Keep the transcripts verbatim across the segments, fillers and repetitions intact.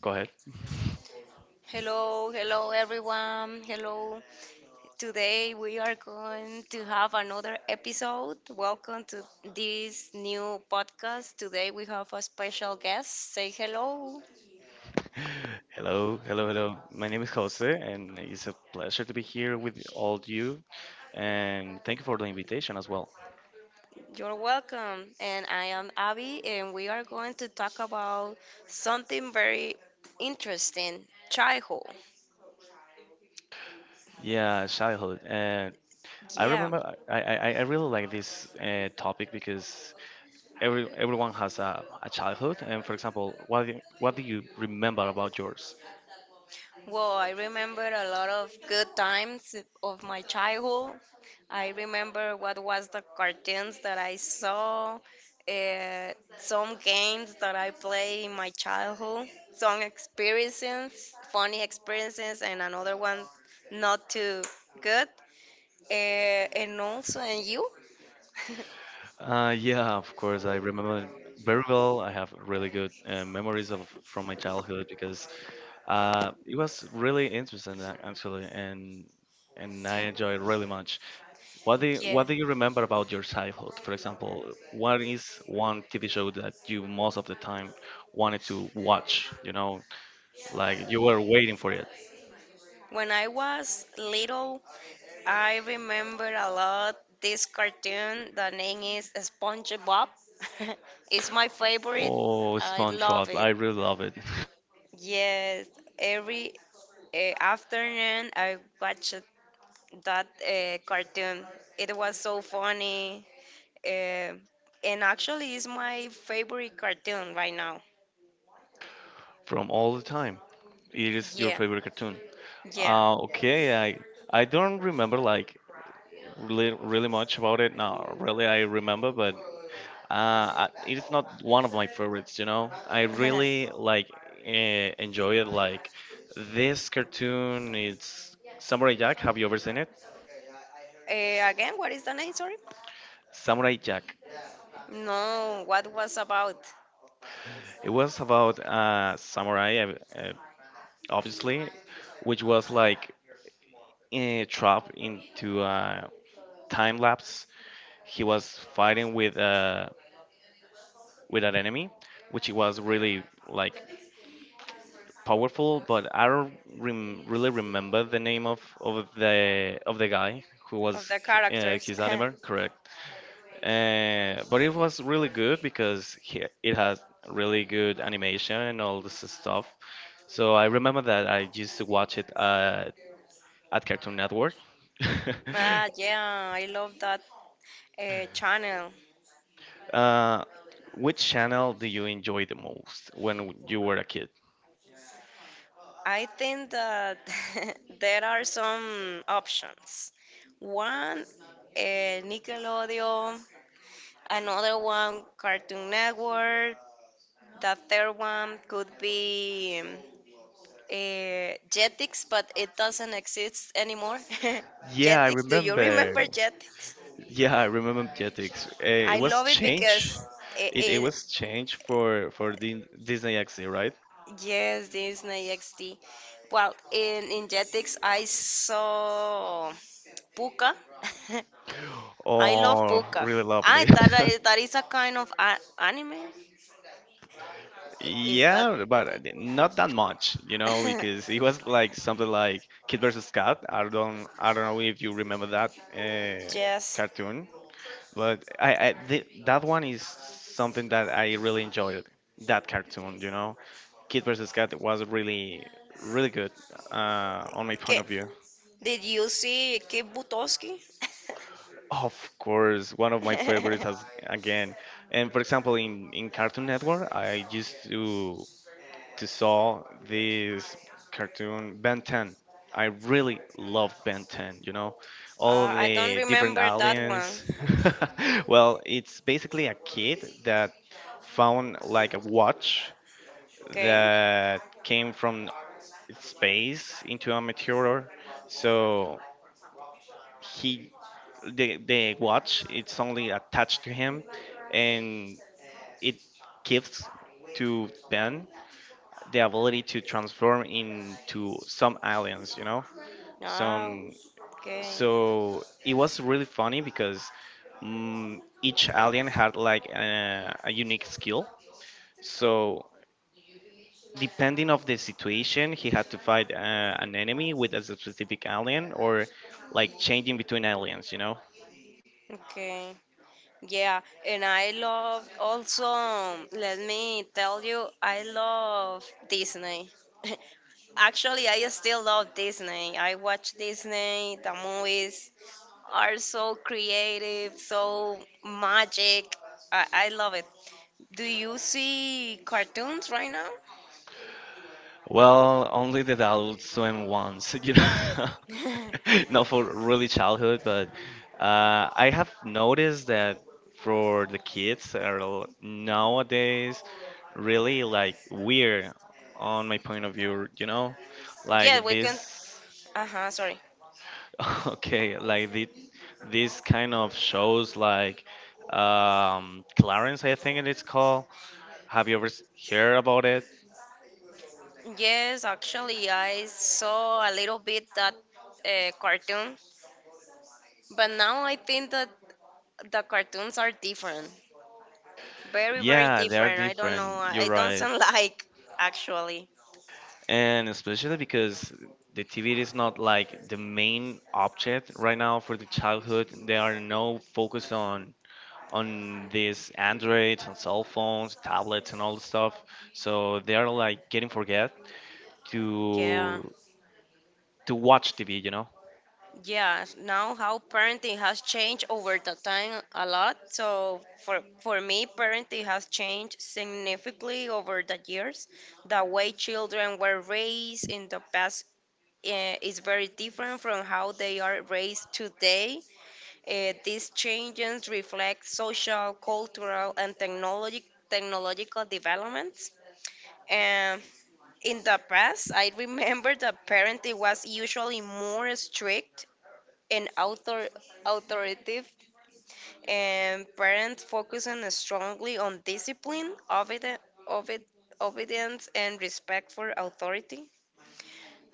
Go ahead. Hello, hello everyone. Hello. Today we are going to have another episode. Welcome to this new podcast. Today we have a special guest. Say hello. Hello, hello, hello. My name is Jose, and it's a pleasure to be here with all you. And thank you for the invitation as well. You're welcome. And I am Abby and we are going to talk about something very interesting, childhood. Yeah, childhood. Uh, I Yeah. remember I, I, I I really like this uh, topic because every everyone has a, a childhood. And for example, what do you, what do you remember about yours? Well, I remember a lot of good times of my childhood. I remember what was the cartoons that I saw, uh, some games that I played in my childhood, some experiences, funny experiences, and another one not too good. Uh, and also, and you? Uh, yeah, of course. I remember it very well. I have really good uh, memories of from my childhood because uh, it was really interesting ac- actually, and and I enjoyed it really much. What do you, yeah. What do you remember about your childhood? For example, what is one T V show that you most of the time wanted to watch? You know, like you were waiting for it. When I was little, I remember a lot this cartoon. The name is SpongeBob. It's my favorite. Oh, I love SpongeBob! it. I really love it. Yes, every uh, afternoon I watched that uh, cartoon. It was so funny. Uh, and actually, it's my favorite cartoon right now. From all the time. It is your Yeah, favorite cartoon. yeah. Uh, okay, I I don't remember like really really much about it now. Really, I remember, but uh, it is not one of my favorites. You know, I uh, really like uh, enjoy it. Like this cartoon, it's Samurai Jack. Have you ever seen it? again, what is the name? Sorry. Samurai Jack. No, what was about It was about uh, samurai, uh, uh, obviously, which was like uh, trapped into a time lapse. He was fighting with uh with an enemy, which was really like powerful. But I don't rem- really remember the name of of the of the guy who of was the uh, characters? his anime, correct? Uh, but it was really good because he, it has really good animation and all this stuff. So I remember that I used to watch it uh, at Cartoon Network. Ah, yeah, I love that uh, channel. uh, which channel do you enjoy the most when you were a kid? I think that there are some options. One, uh, Nickelodeon, another one, Cartoon Network, the third one could be um, uh, Jetix, but it doesn't exist anymore. Yeah, I Jetix, do you remember remember. Jetix? Yeah, I remember Jetix. Uh, it I was love it changed. because it, It, it it, was changed for for Din Disney X D, right? Yes, Disney X D. Well, in in Jetix, I saw Puka. I love Oh, Puka. really I lovely. thought that that is a kind of a- anime. Is that? Yeah, but not that much, you know, because it was like something like Kid versus Cat. I don't I don't know if you remember that uh, Yes. cartoon. But I, I th that one is something that I really enjoyed. That cartoon, you know, Kid versus. Cat was really, really good uh, on my point K- of view. Did you see Kate Butowski? Of course, one of my uh, favorites as again. And for example, in in Cartoon Network, I used to to saw this cartoon Ben ten. I really love Ben ten, you know, all of I don't the different remember that one. aliens. Well, it's basically a kid that found like a watch Okay. that came from space into a meteor. So he the the watch it's only attached to him, and it gives to Ben the ability to transform into some aliens, you know? No. Some, Okay. so it was really funny because mm each alien had like a, a unique skill. So depending of the situation, he had to fight uh, an enemy with a specific alien or like changing between aliens, you know? Okay. Yeah, and I love also, um, let me tell you, I love Disney. Actually, I still love Disney. I watch Disney, the movies are so creative, so magic. I, I love it. Do you see cartoons right Well, only that I'll swim once, you know, now? not for really childhood, but uh, I have noticed that for the kids that are l- nowadays really like weird on my point of view, you know, Yeah, like we can. this, Uh huh, sorry. okay, like the, these kind of shows like um, Clarence, I think it is called. Have you ever s- heard about it? Yes, actually, I saw a little bit that uh, cartoon, but now I think that the cartoons are different. Very, very Yeah, they are different. I don't know. different. You're I don't right. sound like actually. And especially because the T V is not like the main object right now for the childhood. There are no focus on on these androids and cell phones, tablets, and all the stuff. So they are like getting forget Yeah. to to watch T V. You know? Yeah. Now how parenting has changed over the time a lot. So for for me parenting has changed significantly over the years. The way children were raised in the past eh, is very different from how they are raised today. Eh, these changes reflect social, cultural, and technologic technological developments. Um, in the past, I remember the parenting was usually more strict and author- authoritative, and parents focusing strongly on discipline, obedi- obed- obedience, and respect for authority.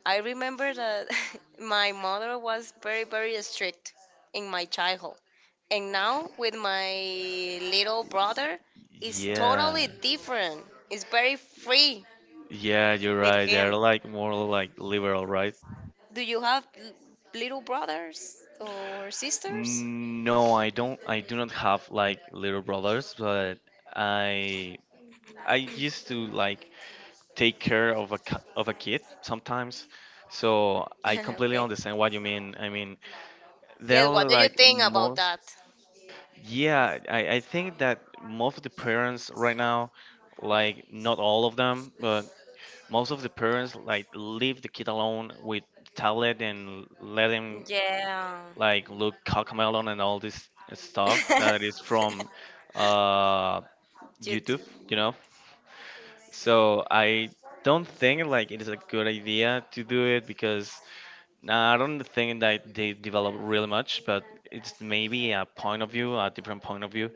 I remember that my mother was very, very strict in my childhood. And now with my little brother, it's totally Yeah, different. It's very free yeah, you're with right. They're him. like more like liberal, right? Do you have l- little brothers or sisters? No, I don't. I do not have like little brothers, but I I used to like take care of a ki- of a kid sometimes. So I completely Okay. understand what you mean. I mean, there Yes, what are do you like think about most. that? Yeah, I, I think that most of the parents right now, like not all of them, but most of the parents like leave the kid alone with tablet and let him Yeah. like look cockmelon and all this stuff that is from uh, YouTube, Duty. you know. So I don't think like it is a good idea to do it because nah, I don't think that they develop really much, but it's maybe a point of view, a different point of view.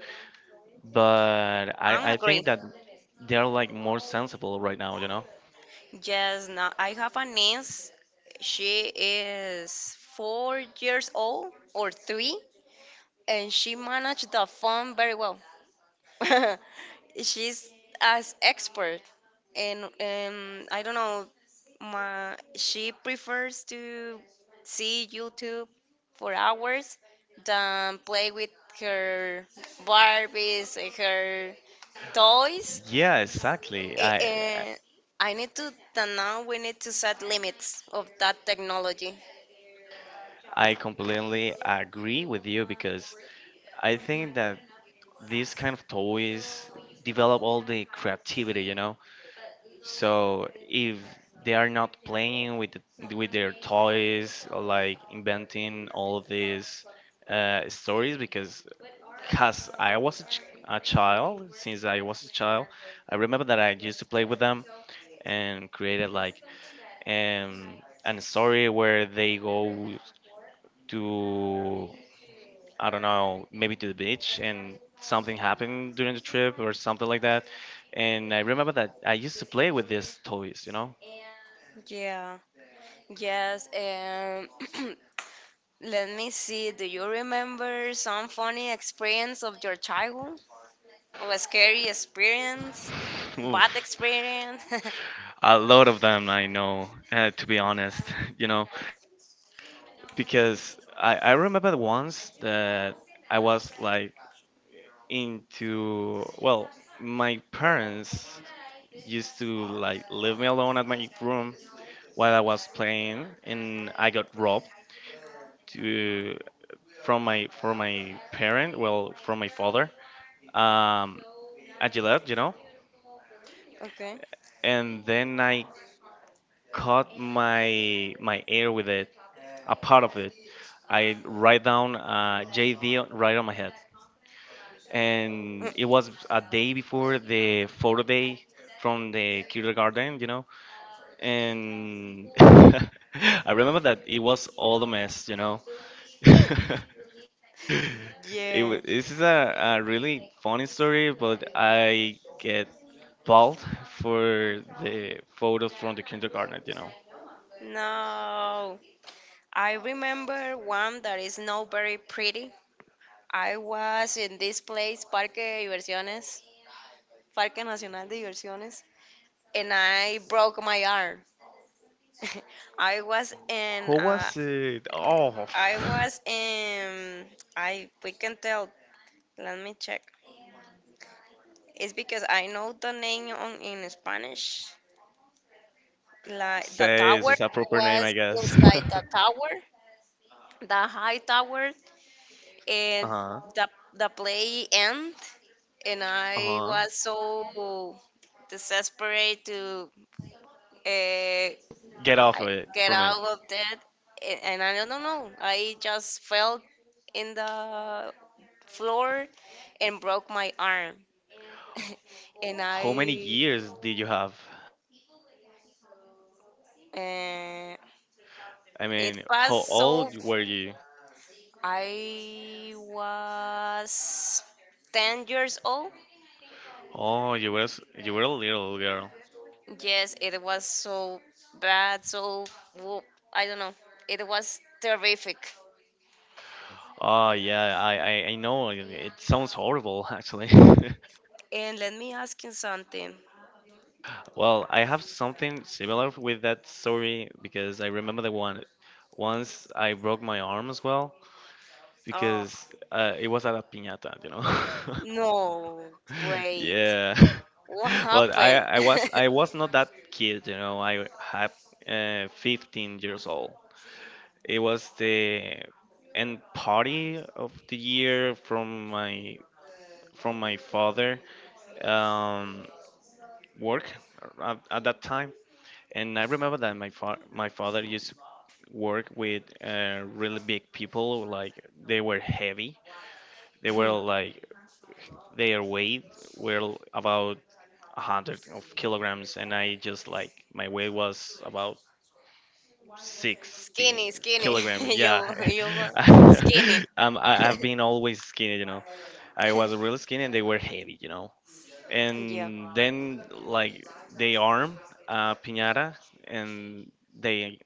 But I I, I agree. think that they're like more sensible right now, you know? Yes, no, I have a niece. She is four years old or three, and she managed the phone very well. She's as expert and um, I don't know my, she prefers to see YouTube for hours than play with her barbies and her toys. Yeah, exactly. A- I and I need to, then now we need to set limits of that technology. I completely agree with you because I think that these kind of toys develop all the creativity, you know. So if they are not playing with the, with their toys, or like inventing all of these uh, stories, because because I was a, ch- a child, since I was a child, I remember that I used to play with them and created like um, an story where they go to, I don't know, maybe to the beach and something happened during the trip or something like that. And I remember that I used to play with these toys, you know? Yeah, yes, and let me see, do you remember some funny experience of your childhood? Oh, a scary experience, Oof. bad experience. A lot of them I know, uh, to be honest, you know? Because I, I remember the once that I was like into, well, my parents used to like leave me alone at my room while I was playing, and I got robbed to from my from my parent, well, from my father, um, at Gillette, you know. Okay. And then I cut my my hair with it, a part of it. I write down uh, J D right on my head, and it was a day before the photo day from the kindergarten, you know. And I remember that it was all a mess, you know. It Yeah. Wa- this is a, a really funny story, but I get bald for the photos from the kindergarten, you know. No. I remember one that is not very pretty. I was in this place, Parque de Diversiones, Parque Nacional de Diversiones, and I broke my arm. I was in, Who uh, was it? Oh, I was in, I, we can tell, let me check. It's because I know the name on, in Spanish, like the says tower. it's a I proper name, I was guess. inside the tower, the high tower, and uh-huh. the the play end, and I Uh-huh. was so desperate to uh, Get off of I- it get from it. out of that. A- and I don't know, I just fell in the floor and broke my arm. and How many I years did you have? uh, I it mean, passed, how so old were you? I was ten years old. Oh, you were s- you were a little girl. Yes, it was so bad, so wo- I don't know. It was terrific. Oh yeah, I I, I know. It it sounds horrible, actually. And let me ask you something. Well, I have something similar with that story because I remember the one once I broke my arm as well because Oh, uh, it was at a piñata, you know. no, wait. Yeah. What But happened? I I was I was not that kid, you know. I had uh, fifteen years old. It was the end party of the year from my from my father um, work at, at that time. And I remember that my fa- my father used to work with uh, really big people, like they were heavy. They were like their weight were about a hundred of kilograms, and I just like my weight was about Skinny, sixty skinny. kilograms. Yeah, you you were skinny. um, I, I've been always skinny, you know. I was really skinny, and they were heavy, you know. Yeah. And then like they arm uh, piñata, and they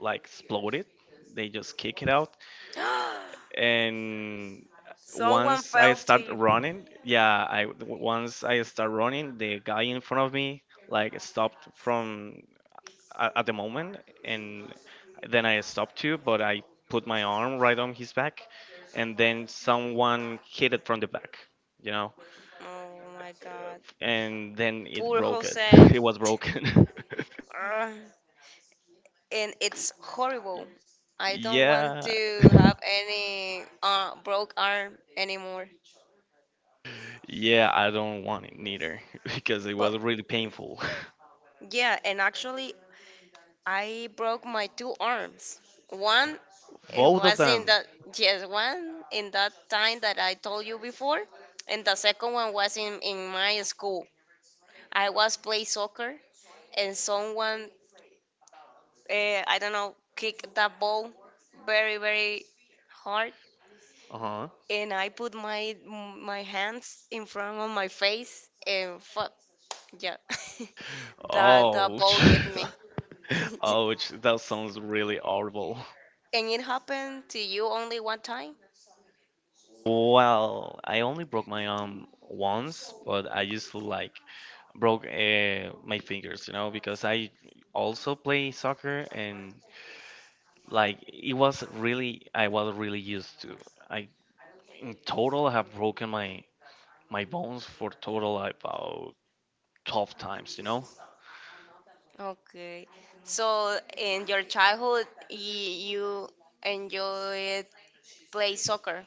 like exploded. They just kick it out, and Someone once I fell to start you. running, yeah, I once I start running, the guy in front of me like stopped from at, at the moment, and then I stopped too, but I put my arm right on his back, and then someone hit it from the back, you know, Oh my god. and then it Poor broke it. Jose. It was broken. Ugh. And it's horrible. I don't want Yeah. to have any uh, broke arm anymore. Yeah, I don't want it neither, because it But was really painful. yeah, and actually, I broke my two arms. One, it Both of was in them. the yes, one in that time that I told you before, and the second one was in in my school. I was play soccer, and someone, uh, I don't know, kicked that ball very very hard, Uh-huh. and I put my my hands in front of my face and fuck, yeah. that that Ouch. ball hit me. Ouch. That sounds really horrible. And it happened to you only one time? Well, I only broke my arm once, but I used to like broke uh, my fingers, you know, because I also play soccer and like it was really I was really used to. I In total I have broken my my bones for total like, about twelve times, you know. Okay, so in your childhood y- you enjoyed play soccer?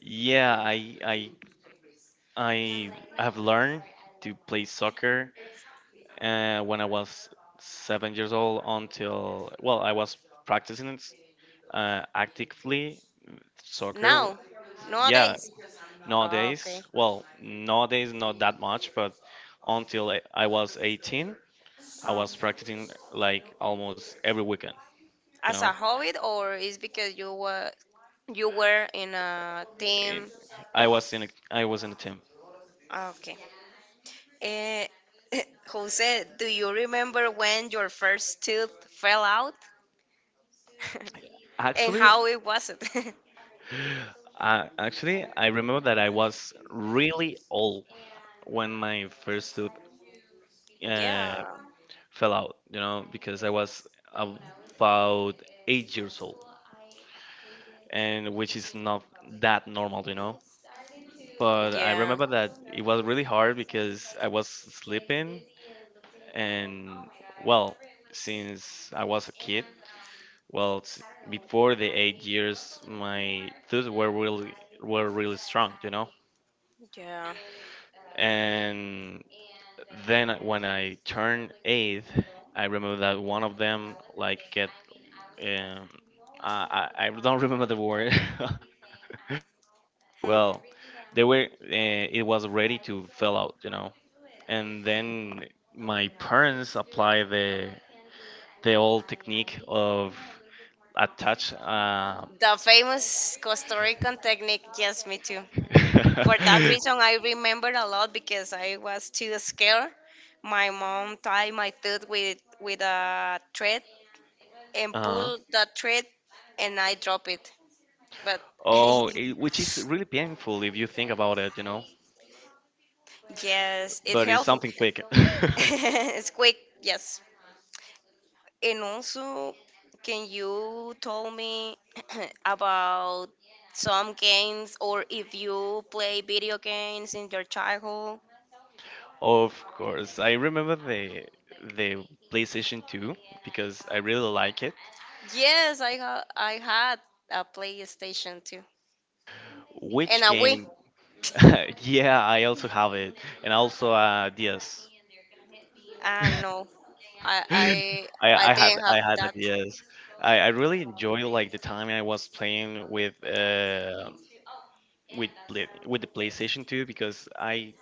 Yeah, I I I have learned to play soccer uh, when I was seven years old until, well, I was practicing it uh, actively. now Soccer, yeah. Nowadays? Ah, okay. Nowadays, well, nowadays not that much, but until I, I was eighteen, I was Okay, practicing like almost every weekend. You as know, a hobby or is because you were, you were in a In- team? I was in a, I was in a team. Okay. Eh, Jose, do you remember when your first tooth fell out? And Actually, how it was it? Uh, actually, I remember that I was really old when my first tooth uh, Yeah, fell out, you know, because I was about eight years old, and which is not that normal, you know. But I yeah, remember that it was really hard because I was sleeping, and well, since I was a kid. Well, s- before the eight years, my tooth were really were really strong, you know. yeah. And then when I turned eight, I remember that one of them like get um, I I I don't remember the word, Well, they were. Uh, it was ready to fill out, you know. And then my parents apply the the old technique of attach. Uh, the famous Costa Rican technique, yes, me too. For that reason, I remember a lot because I was too scared. My mom tied my tooth with, with a thread and uh, pulled the thread, and I dropped it. But oh, it, which is really painful if you think about it, you know. yes, it But it's helped. something quick. It's quick, yes. And also, can you tell me about some games or if you play video games in your childhood? Of course, I remember the the PlayStation two because I really like it. Yes, I ha- I had a PlayStation too and Which a Wii. game? Yeah, I also have it, and also uh, D S. Ah no, I I I, I I had didn't I have had a that. D S. I, I really enjoyed like the time I was playing with uh with play, with the PlayStation two because I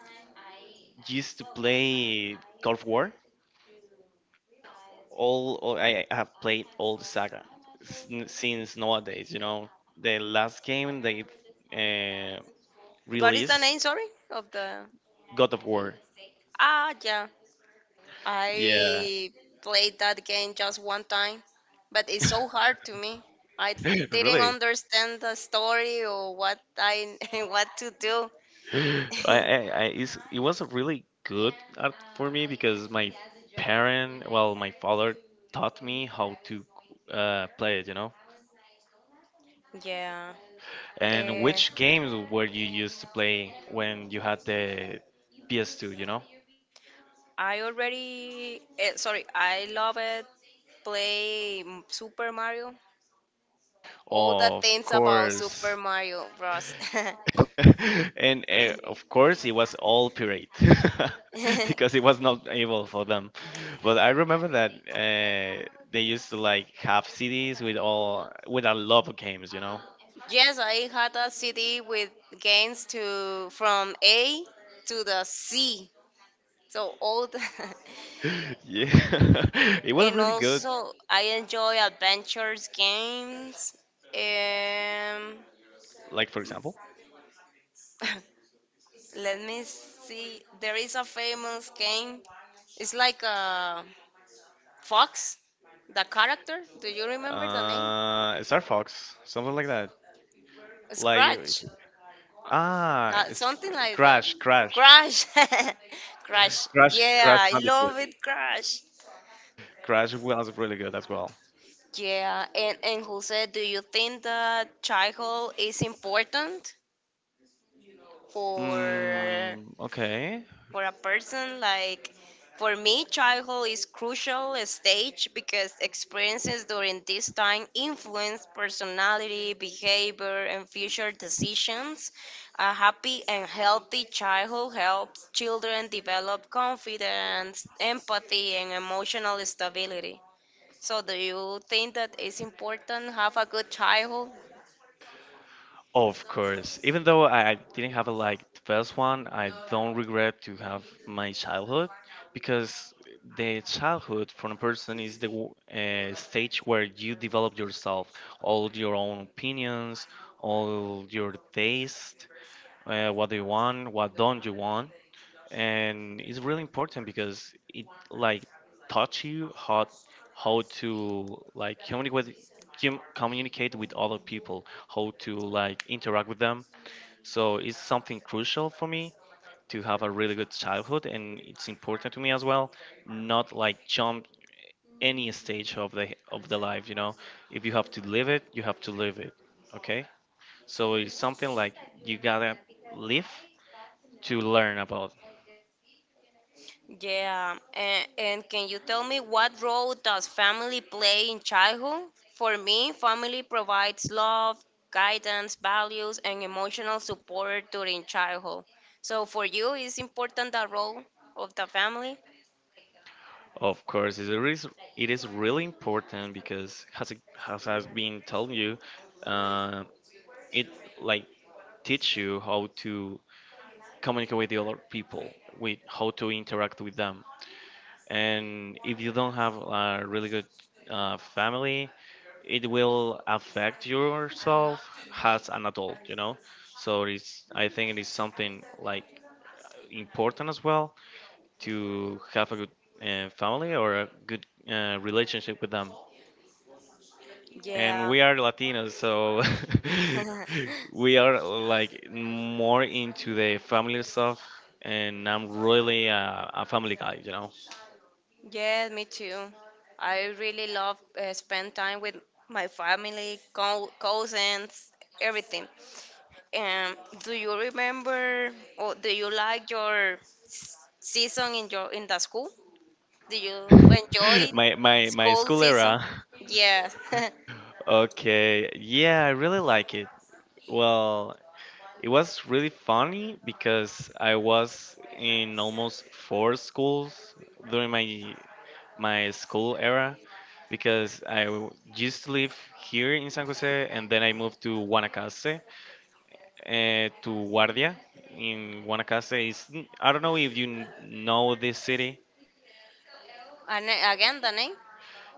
used to play God of War. All, all I I have played all the saga sin- since nowadays. You know, the last game they uh, What is the released name? Sorry, of the, God of War. ah yeah, Yeah, I played that game just one time, but it's so hard to me. I didn't really. understand the story or what I what to do. I, I, I it's, it was a really good art for me because my parent, well, my father taught me how to uh, play it, you know. Yeah. And Eh, which games were you used to play when you had the P S two, you know? I already, eh, sorry, I love it play m- Super Mario. All the Of things about Super course. Mario Bros. And uh, of course it was all pirate Yes, because it was not able for them, but I remember that uh, they used to like have cds with all with a lot of games, you know. I had a C D with games to from A to the C. So old. Yeah. It was And really good, also, I enjoy adventures games. Um, like for example Let me see. There is a famous game. It's like a fox, the character. Do you remember the name? uh star fox, something like that. Like, Scratch. ah, Uh, it's Something like that. crash crash Crash. Crash. crash Yeah, crash I bandicoot. love it, Crash. Crash was really good as well. Yeah, and, and Jose, do you think that childhood is important for Mm, okay. for a person? Like, for me childhood is crucial stage because experiences during this time influence personality, behavior, and future decisions. A happy and healthy childhood helps children develop confidence, empathy, and emotional stability. So, do you think that it's important have a good childhood? Of course. Even though I I didn't have a, like the best one, I don't regret to have my childhood, because the childhood from a person is the w- uh, stage where you develop yourself, all your own opinions, all your taste, uh, what do you want, what don't you want. And it's really important because it like taught you how how to like communicate with cum- communicate with other people, how to like interact with them. So it's something crucial for me to have a really good childhood, and it's important to me as well. Not like jump any stage of the of the life, you know. If you have to live it, you have to live it. Okay, so it's something like you gotta live to learn about. Yeah, and, and can you tell me what role does family play in childhood? For me, family provides love, guidance, values, and emotional support during childhood. So for you, is important the role of the family? Of course, it is, it is really important because as I- as I've been telling you, uh, it, like, teach you how to communicate with the other people, with how to interact with them. And if you don't have a really good uh, family, it will affect yourself as an adult, you know. So it's, I think it is something like important as well to have a good uh, family or a good uh, relationship with them. And Yeah. we are Latinos, so we are like more into the family stuff. And I'm really a, a family guy, you know. Yeah, me too. I really love uh, spend time with my family, co cousins, everything. Um, do you remember or do you like your s- season in your in the school? Do you enjoy my my my school school season? era. Yes. Okay, yeah, I really like it. Well, it was really funny because I was in almost four schools during my my school era, because I w- used to live here in San Jose, and then I moved to Guanacaste, uh, to Guardia in Guanacaste. Is, I don't know if you kn- know this city, And a- again, the name?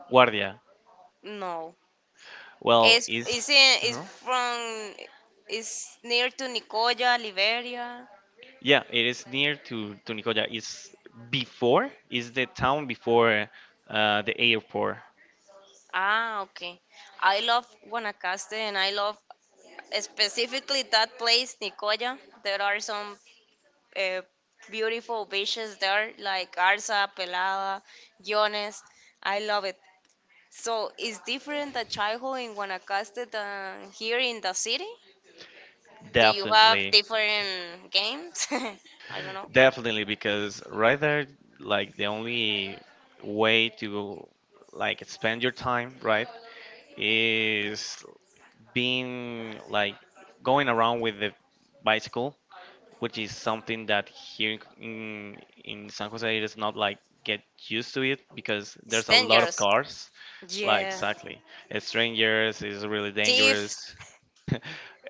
Guardia. No. Well, It's it's is, in, it's from it's near to Nicoya, Liberia. yeah, it is near to to Nicoya. It's, before, is the town before uh, the airport. Ah, okay. I love Guanacaste and I love specifically that place, Nicoya. There are some uh, beautiful beaches there, like Garza, Pelada, Guiones. I love it. So it's different the childhood in Guanacaste than here in the city. Do you have Definitely. different games? I don't know. Definitely, because right there, like the only way to like spend your time, right, is being like going around with the bicycle, which is something that here in, in in San Jose it is not like get used to it, because It's there's a lot of dangerous. cars. Like Yeah. exactly. Uh, strangers is really Thieves. dangerous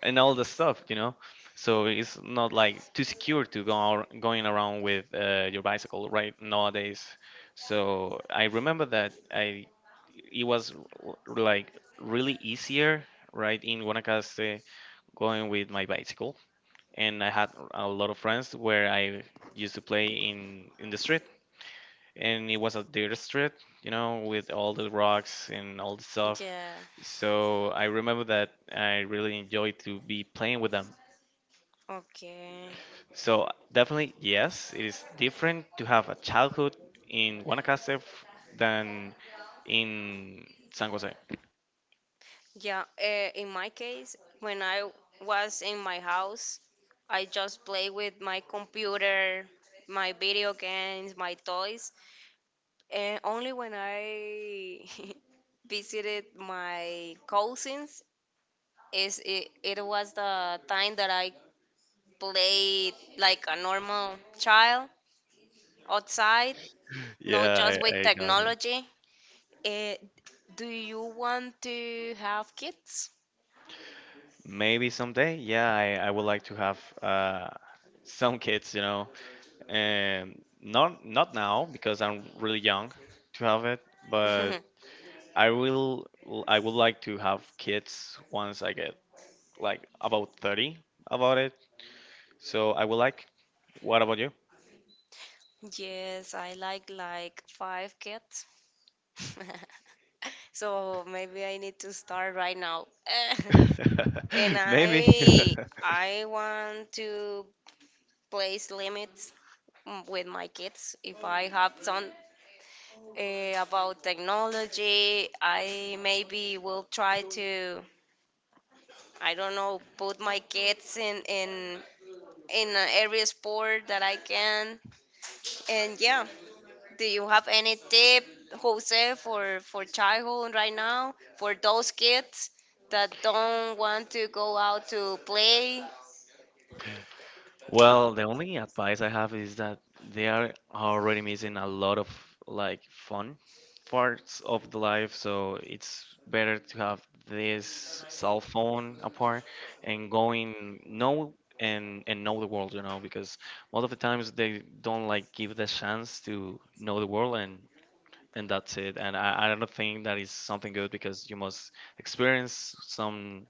and all the stuff, you know. So it's not like too secure to go ar- going around with uh, your bicycle right nowadays. So I remember that I, it was r- like really easier right in Guanacaste going with my bicycle, and I had a lot of friends where I used to play in in the street, and it was a dirt street, you know, with all the rocks and all the stuff. Yeah. So I remember that I really enjoyed to be playing with them. Okay. So definitely, yes, it is different to have a childhood in Guanacaste f- than in San Jose. Yeah. Uh, in my case, when I was in my house, I just play with my computer, my video games, my toys. And only when I visited my cousins, is it, it was the time that I played like a normal child outside, not Yeah, just I, with I know that. technology. Eh, do you want to have kids? Maybe someday, yeah, I, I would like to have uh, some kids, you know, and not not now because I'm really young to have it, but I will I would like to have kids once I get like about thirty, about it. So I would like. What about you? Yes, I like like five kids. So maybe I need to start right now. And Maybe. I I want to place limits, mm, with my kids. If I have some, uh, about technology, I maybe will try to, I don't know, put my kids in in in a every sport that I can. And yeah, do you have any tip, Jose, for for childhood right now for those kids that don't want to go out to play? Well, the only advice I have is that they are already missing a lot of like fun parts of the life, so it's better to have this cell phone apart and going know, and and know the world, you know, because most of the times they don't like give the chance to know the world, and and that's it. And I, I don't think that is something good, because you must experience some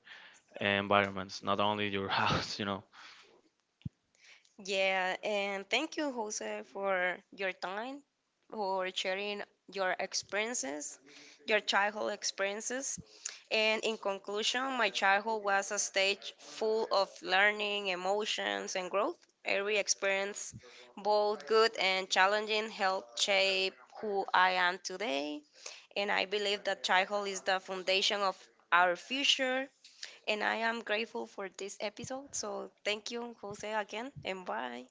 environments, not only your house, you know. Yeah, and thank you, Jose, for your time, for sharing your experiences, your childhood experiences. And in conclusion, my childhood was a stage full of learning, emotions, and growth. Every experience, both good and challenging, helped shape who I am today. And I believe that childhood is the foundation of our future and I am grateful for this episode. So thank you, Jose, again, and bye.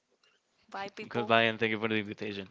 Goodbye, and thank you for the invitation.